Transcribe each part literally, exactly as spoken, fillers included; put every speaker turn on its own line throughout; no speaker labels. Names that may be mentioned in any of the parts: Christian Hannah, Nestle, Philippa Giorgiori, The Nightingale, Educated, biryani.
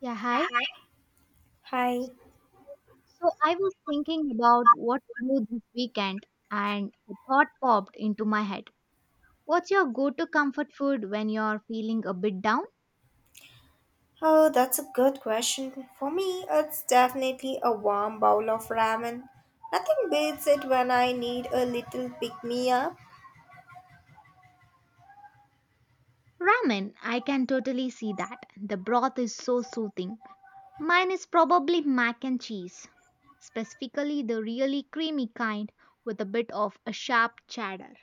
Yeah, hi.
Hi. Hi.
So I was thinking about what to do this weekend and a thought popped into my head. What's your go to comfort food when you're feeling a bit down?
Oh, that's a good question. For me, it's definitely a warm bowl of ramen. Nothing beats it when I need a little pick me up.
Ramen, I can totally see that. The broth is so soothing. Mine is probably mac and cheese, specifically the really creamy kind with a bit of a sharp cheddar.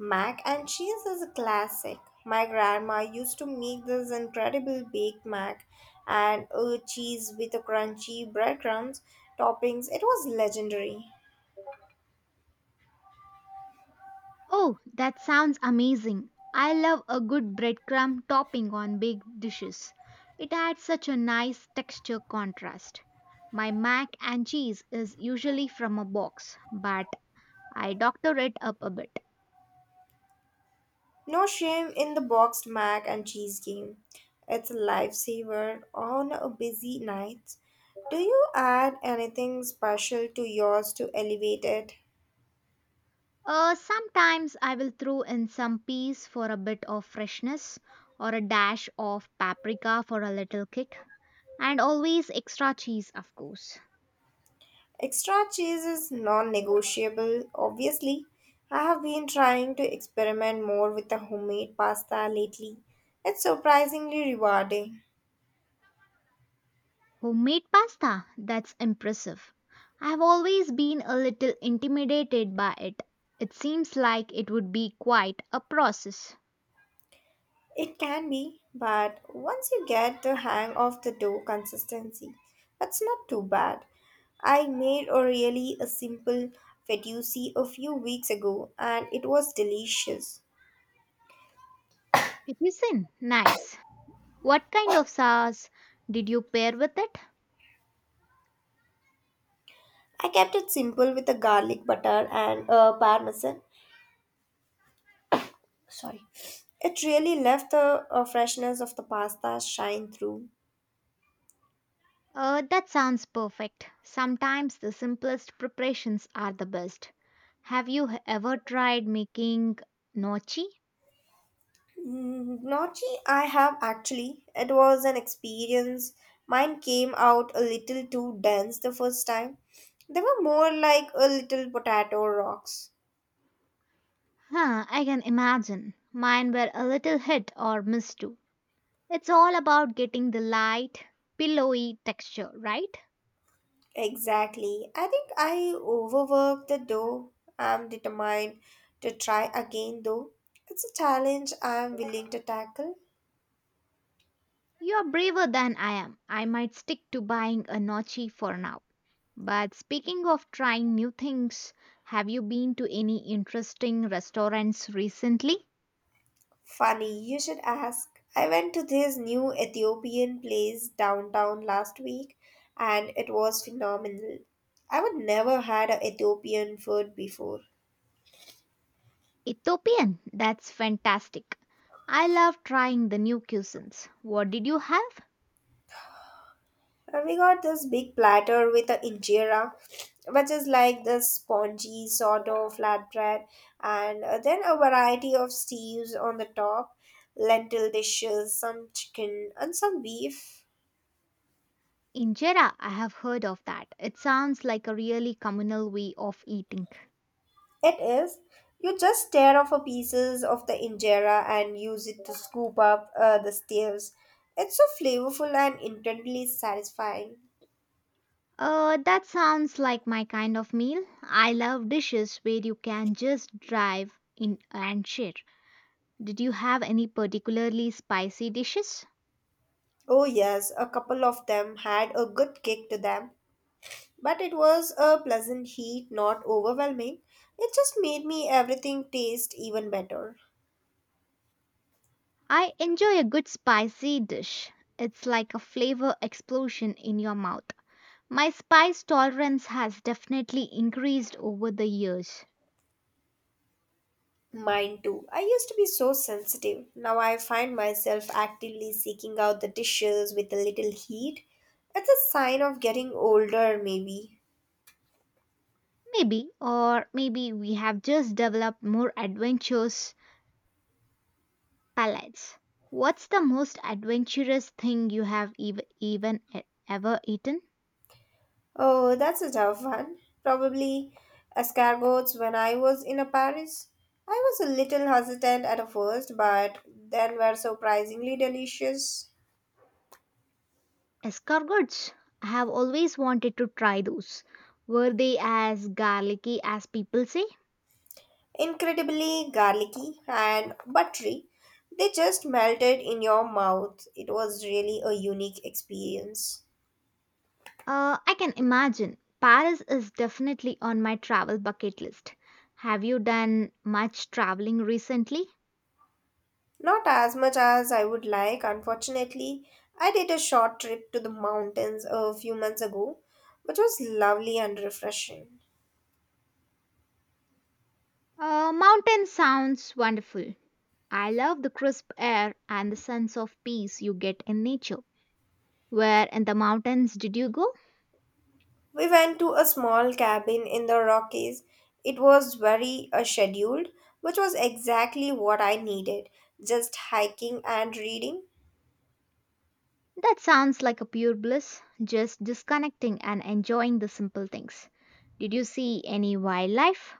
Mac and cheese is a classic. My grandma used to make this incredible baked mac and a cheese with a crunchy breadcrumbs toppings. It was legendary.
Oh, that sounds amazing. I love a good breadcrumb topping on big dishes. It adds such a nice texture contrast. My mac and cheese is usually from a box, but I doctor it up a bit.
No shame in the boxed mac and cheese game. It's a lifesaver on a busy night. Do you add anything special to yours to elevate it?
Uh, sometimes I will throw in some peas for a bit of freshness or a dash of paprika for a little kick, and always extra cheese, of course.
Extra cheese is non negotiable, obviously. I have been trying to experiment more with the homemade pasta lately. It's surprisingly rewarding.
Homemade pasta? That's impressive. I've always been a little intimidated by it. It seems like it would be quite a process.
It can be, but once you get the hang of the dough consistency, that's not too bad. I made a really a simple fettuccine a few weeks ago and it was delicious.
It Nice. What kind of sauce did you pair with it?
I kept it simple with a garlic butter and a parmesan. Sorry. It really left the uh, freshness of the pasta shine through.
Uh, that sounds perfect. Sometimes the simplest preparations are the best. Have you h- ever tried making gnocchi?
Mm, Gnocchi, I have actually. It was an experience. Mine came out a little too dense the first time. They were more like a little potato rocks.
Huh, I can imagine. Mine were a little hit or miss too. It's all about getting the light, pillowy texture, right?
Exactly. I think I overworked the dough. I'm determined to try again though. It's a challenge I'm willing to tackle.
You're braver than I am. I might stick to buying a Nochi for now. But speaking of trying new things, have you been to any interesting restaurants recently?
Funny, you should ask. I went to this new Ethiopian place downtown last week and it was phenomenal. I would never had a Ethiopian food before.
Ethiopian, that's fantastic. I love trying the new cuisines. What did you have?
And we got this big platter with a injera, which is like this spongy sort of flatbread, and uh, then a variety of stews on the top, lentil dishes, some chicken, and some beef.
Injera, I have heard of that. It sounds like a really communal way of eating.
It is. You just tear off a pieces of the injera and use it to scoop up uh, the stews. It's so flavorful and intensely satisfying.
Uh, that sounds like my kind of meal. I love dishes where you can just drive in and share. Did you have any particularly spicy dishes?
Oh yes, a couple of them had a good kick to them, but it was a pleasant heat, not overwhelming. It just made me everything taste even better.
I enjoy a good spicy dish. It's like a flavor explosion in your mouth. My spice tolerance has definitely increased over the years.
Mine too. I used to be so sensitive. Now I find myself actively seeking out the dishes with a little heat. It's a sign of getting older, maybe.
Maybe, or maybe we have just developed more adventures Palates. What's the most adventurous thing you have ev- even e- ever eaten?
Oh, that's a tough one. Probably escargots when I was in a Paris. I was a little hesitant at first, but then were surprisingly delicious.
Escargots. I have always wanted to try those. Were they as garlicky as people say?
Incredibly garlicky and buttery. They just melted in your mouth. It was really a unique experience.
Uh, I can imagine. Paris is definitely on my travel bucket list. Have you done much traveling recently?
Not as much as I would like, unfortunately. I did a short trip to the mountains a few months ago, which was lovely and refreshing.
Uh, mountain sounds wonderful. I love the crisp air and the sense of peace you get in nature. Where in the mountains did you go?
We went to a small cabin in the Rockies. It was very uh, scheduled, which was exactly what I needed just hiking and reading.
That sounds like a pure bliss, just disconnecting and enjoying the simple things. Did you see any wildlife?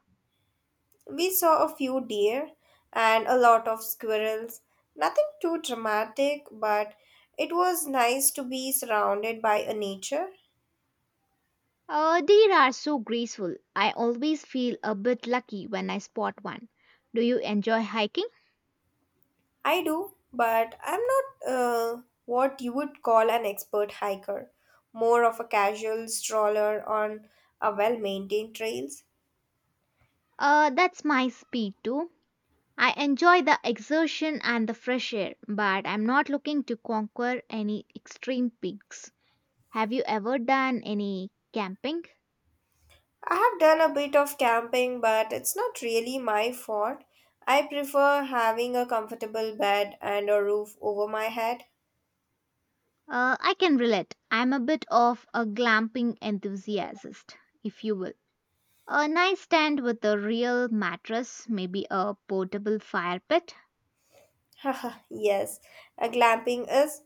We saw a few deer and a lot of squirrels. Nothing too dramatic, but it was nice to be surrounded by a nature.
Oh, deer are so graceful. I always feel a bit lucky when I spot one. Do you enjoy hiking?
I do, but I'm not uh, what you would call an expert hiker, more of a casual stroller on a well maintained trails.
Uh, that's my speed too. I enjoy the exertion and the fresh air, but I'm not looking to conquer any extreme peaks. Have you ever done any camping?
I have done a bit of camping, but it's not really my fault. I prefer having a comfortable bed and a roof over my head.
Uh, I can relate. I'm a bit of a glamping enthusiast, if you will. A nice tent with a real mattress, maybe a portable fire pit.
yes, a glamping is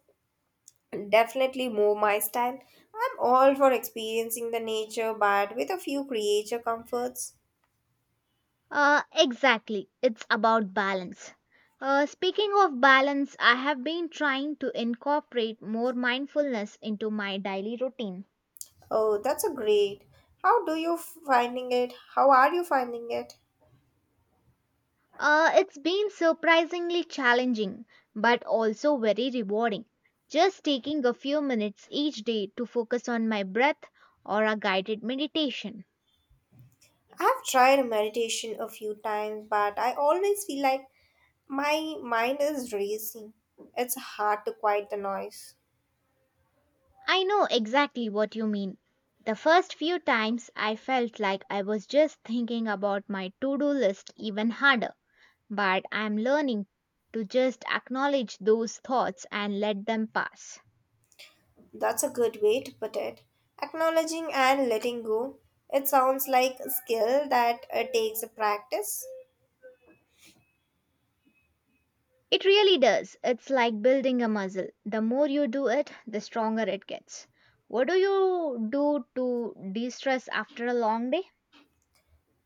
definitely more my style. I'm all for experiencing the nature, but with a few creature comforts.
Uh, exactly. It's about balance. Uh, speaking of balance, I have been trying to incorporate more mindfulness into my daily routine.
Oh, that's a great. How do you finding it? How are you finding it?
Uh, it's been surprisingly challenging, but also very rewarding. Just taking a few minutes each day to focus on my breath or a guided meditation.
I've tried meditation a few times, but I always feel like my mind is racing. It's hard to quiet the noise.
I know exactly what you mean. The first few times I felt like I was just thinking about my to do list even harder, but I'm learning to just acknowledge those thoughts and let them pass.
That's a good way to put it. Acknowledging and letting go. It sounds like a skill that uh, takes a practice.
It really does. It's like building a muscle. The more you do it, the stronger it gets. What do you do to de stress after a long day?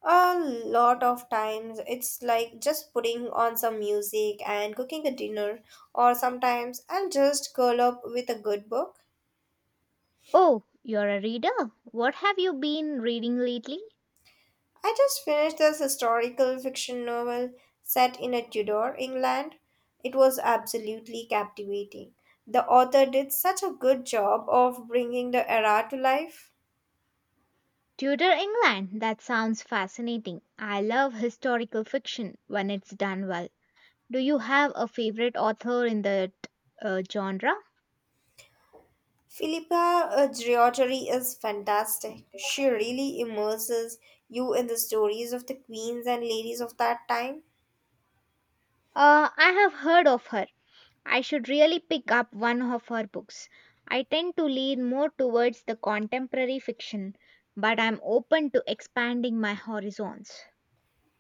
A lot of times it's like just putting on some music and cooking a dinner, or sometimes I'll just curl up with a good book.
Oh, you're a reader. What have you been reading lately?
I just finished this historical fiction novel set in a Tudor England. It was absolutely captivating. The author did such a good job of bringing the era to life.
Tudor England. That sounds fascinating. I love historical fiction when it's done well. Do you have a favorite author in that uh, genre?
Philippa uh, Giorgiori is fantastic. She really immerses you in the stories of the queens and ladies of that time.
Uh, I have heard of her. I should really pick up one of her books. I tend to lean more towards the contemporary fiction, but I'm open to expanding my horizons.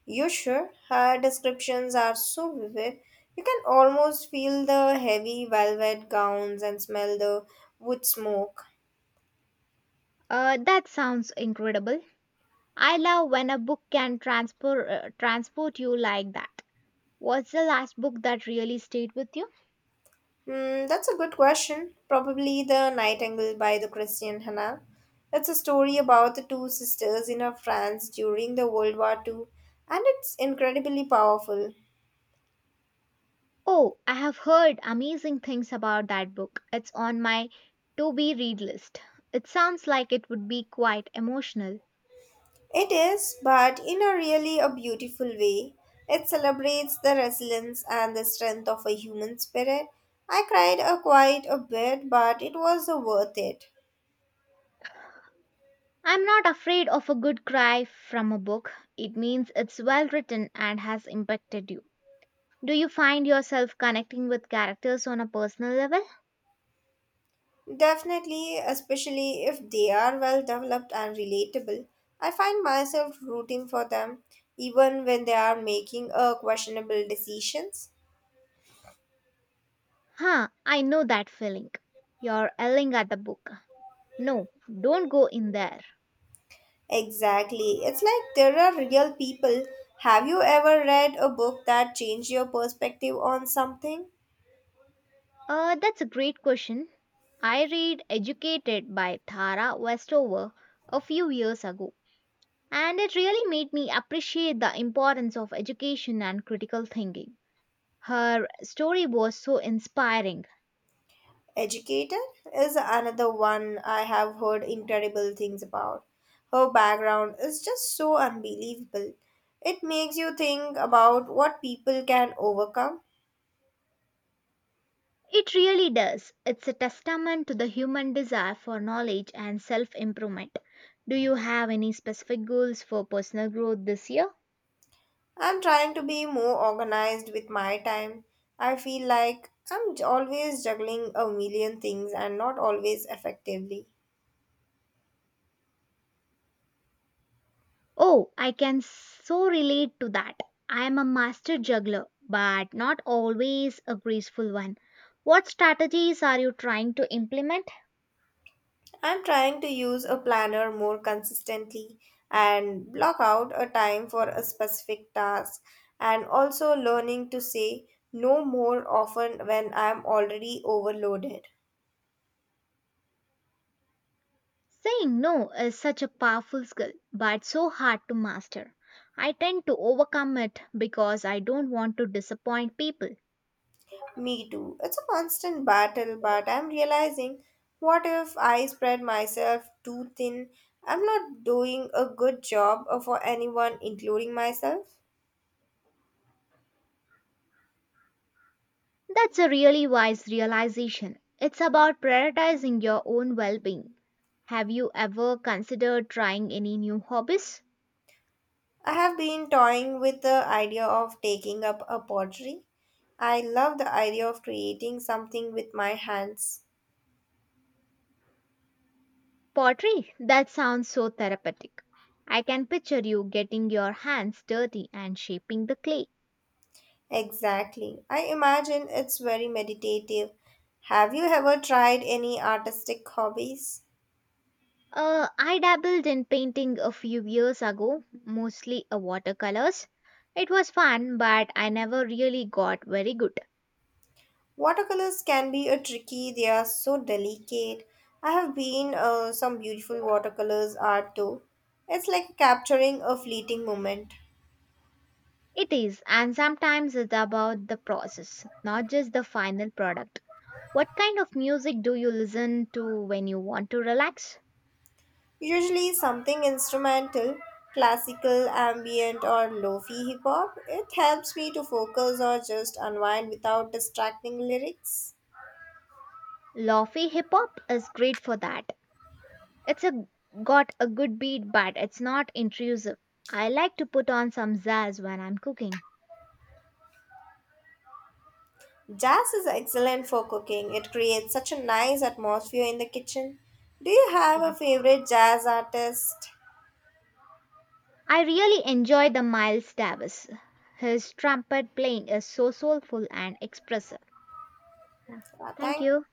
You sure? Her descriptions are so vivid. You can almost feel the heavy velvet gowns and smell the wood smoke.
Uh, that sounds incredible. I love when a book can transport uh, transport you like that. What's the last book that really stayed with you?
Hmm, that's a good question. Probably The Nightingale by the Christian Hannah. It's a story about the two sisters in a France during the World War Two, and it's incredibly powerful.
Oh, I have heard amazing things about that book. It's on my to be read list. It sounds like it would be quite emotional.
It is, but in a really a beautiful way. It celebrates the resilience and the strength of a human spirit. I cried a quite a bit, but it was uh, worth it.
I'm not afraid of a good cry from a book. It means it's well written and has impacted you. Do you find yourself connecting with characters on a personal level?
Definitely, especially if they are well developed and relatable. I find myself rooting for them even when they are making uh, questionable decisions.
Huh, I know that feeling. You're yelling at the book. No, don't go in there.
Exactly. It's like there are real people. Have you ever read a book that changed your perspective on something?
Uh, that's a great question. I read Educated by Tara Westover a few years ago, and it really made me appreciate the importance of education and critical thinking. Her story was so inspiring.
Educated is another one I have heard incredible things about. Her background is just so unbelievable. It makes you think about what people can overcome.
It really does. It's a testament to the human desire for knowledge and self improvement. Do you have any specific goals for personal growth this year?
I'm trying to be more organized with my time. I feel like I'm j- always juggling a million things and not always effectively.
Oh, I can so relate to that. I am a master juggler, but not always a graceful one. What strategies are you trying to implement?
I'm trying to use a planner more consistently and block out a time for a specific task and also learning to say no more often when I'm already overloaded.
Saying no is such a powerful skill, but so hard to master. I tend to overcome it because I don't want to disappoint people.
Me too. It's a constant battle, but I'm realizing what if I spread myself too thin? I'm not doing a good job uh, for anyone, including myself.
That's a really wise realization. It's about prioritizing your own well being. Have you ever considered trying any new hobbies?
I have been toying with the idea of taking up a pottery. I love the idea of creating something with my hands.
Pottery? That sounds so therapeutic. I can picture you getting your hands dirty and shaping the clay.
Exactly. I imagine it's very meditative. Have you ever tried any artistic hobbies?
Uh, I dabbled in painting a few years ago, mostly a watercolors. It was fun, but I never really got very good.
Watercolors can be a tricky, they are so delicate. I have been uh, some beautiful watercolors art too. It's like capturing a fleeting moment.
It is, and sometimes it's about the process, not just the final product. What kind of music do you listen to when you want to relax?
Usually something instrumental, classical, ambient or lo-fi hip hop. It helps me to focus or just unwind without distracting lyrics.
Lofi hip hop is great for that. It's a got a good beat but it's not intrusive. I like to put on some jazz when I'm cooking.
Jazz is excellent for cooking. It creates such a nice atmosphere in the kitchen. Do you have a favorite jazz artist?
I really enjoy the Miles Davis. His trumpet playing is so soulful and expressive. Yeah.
Uh,
Thank
Thank
you.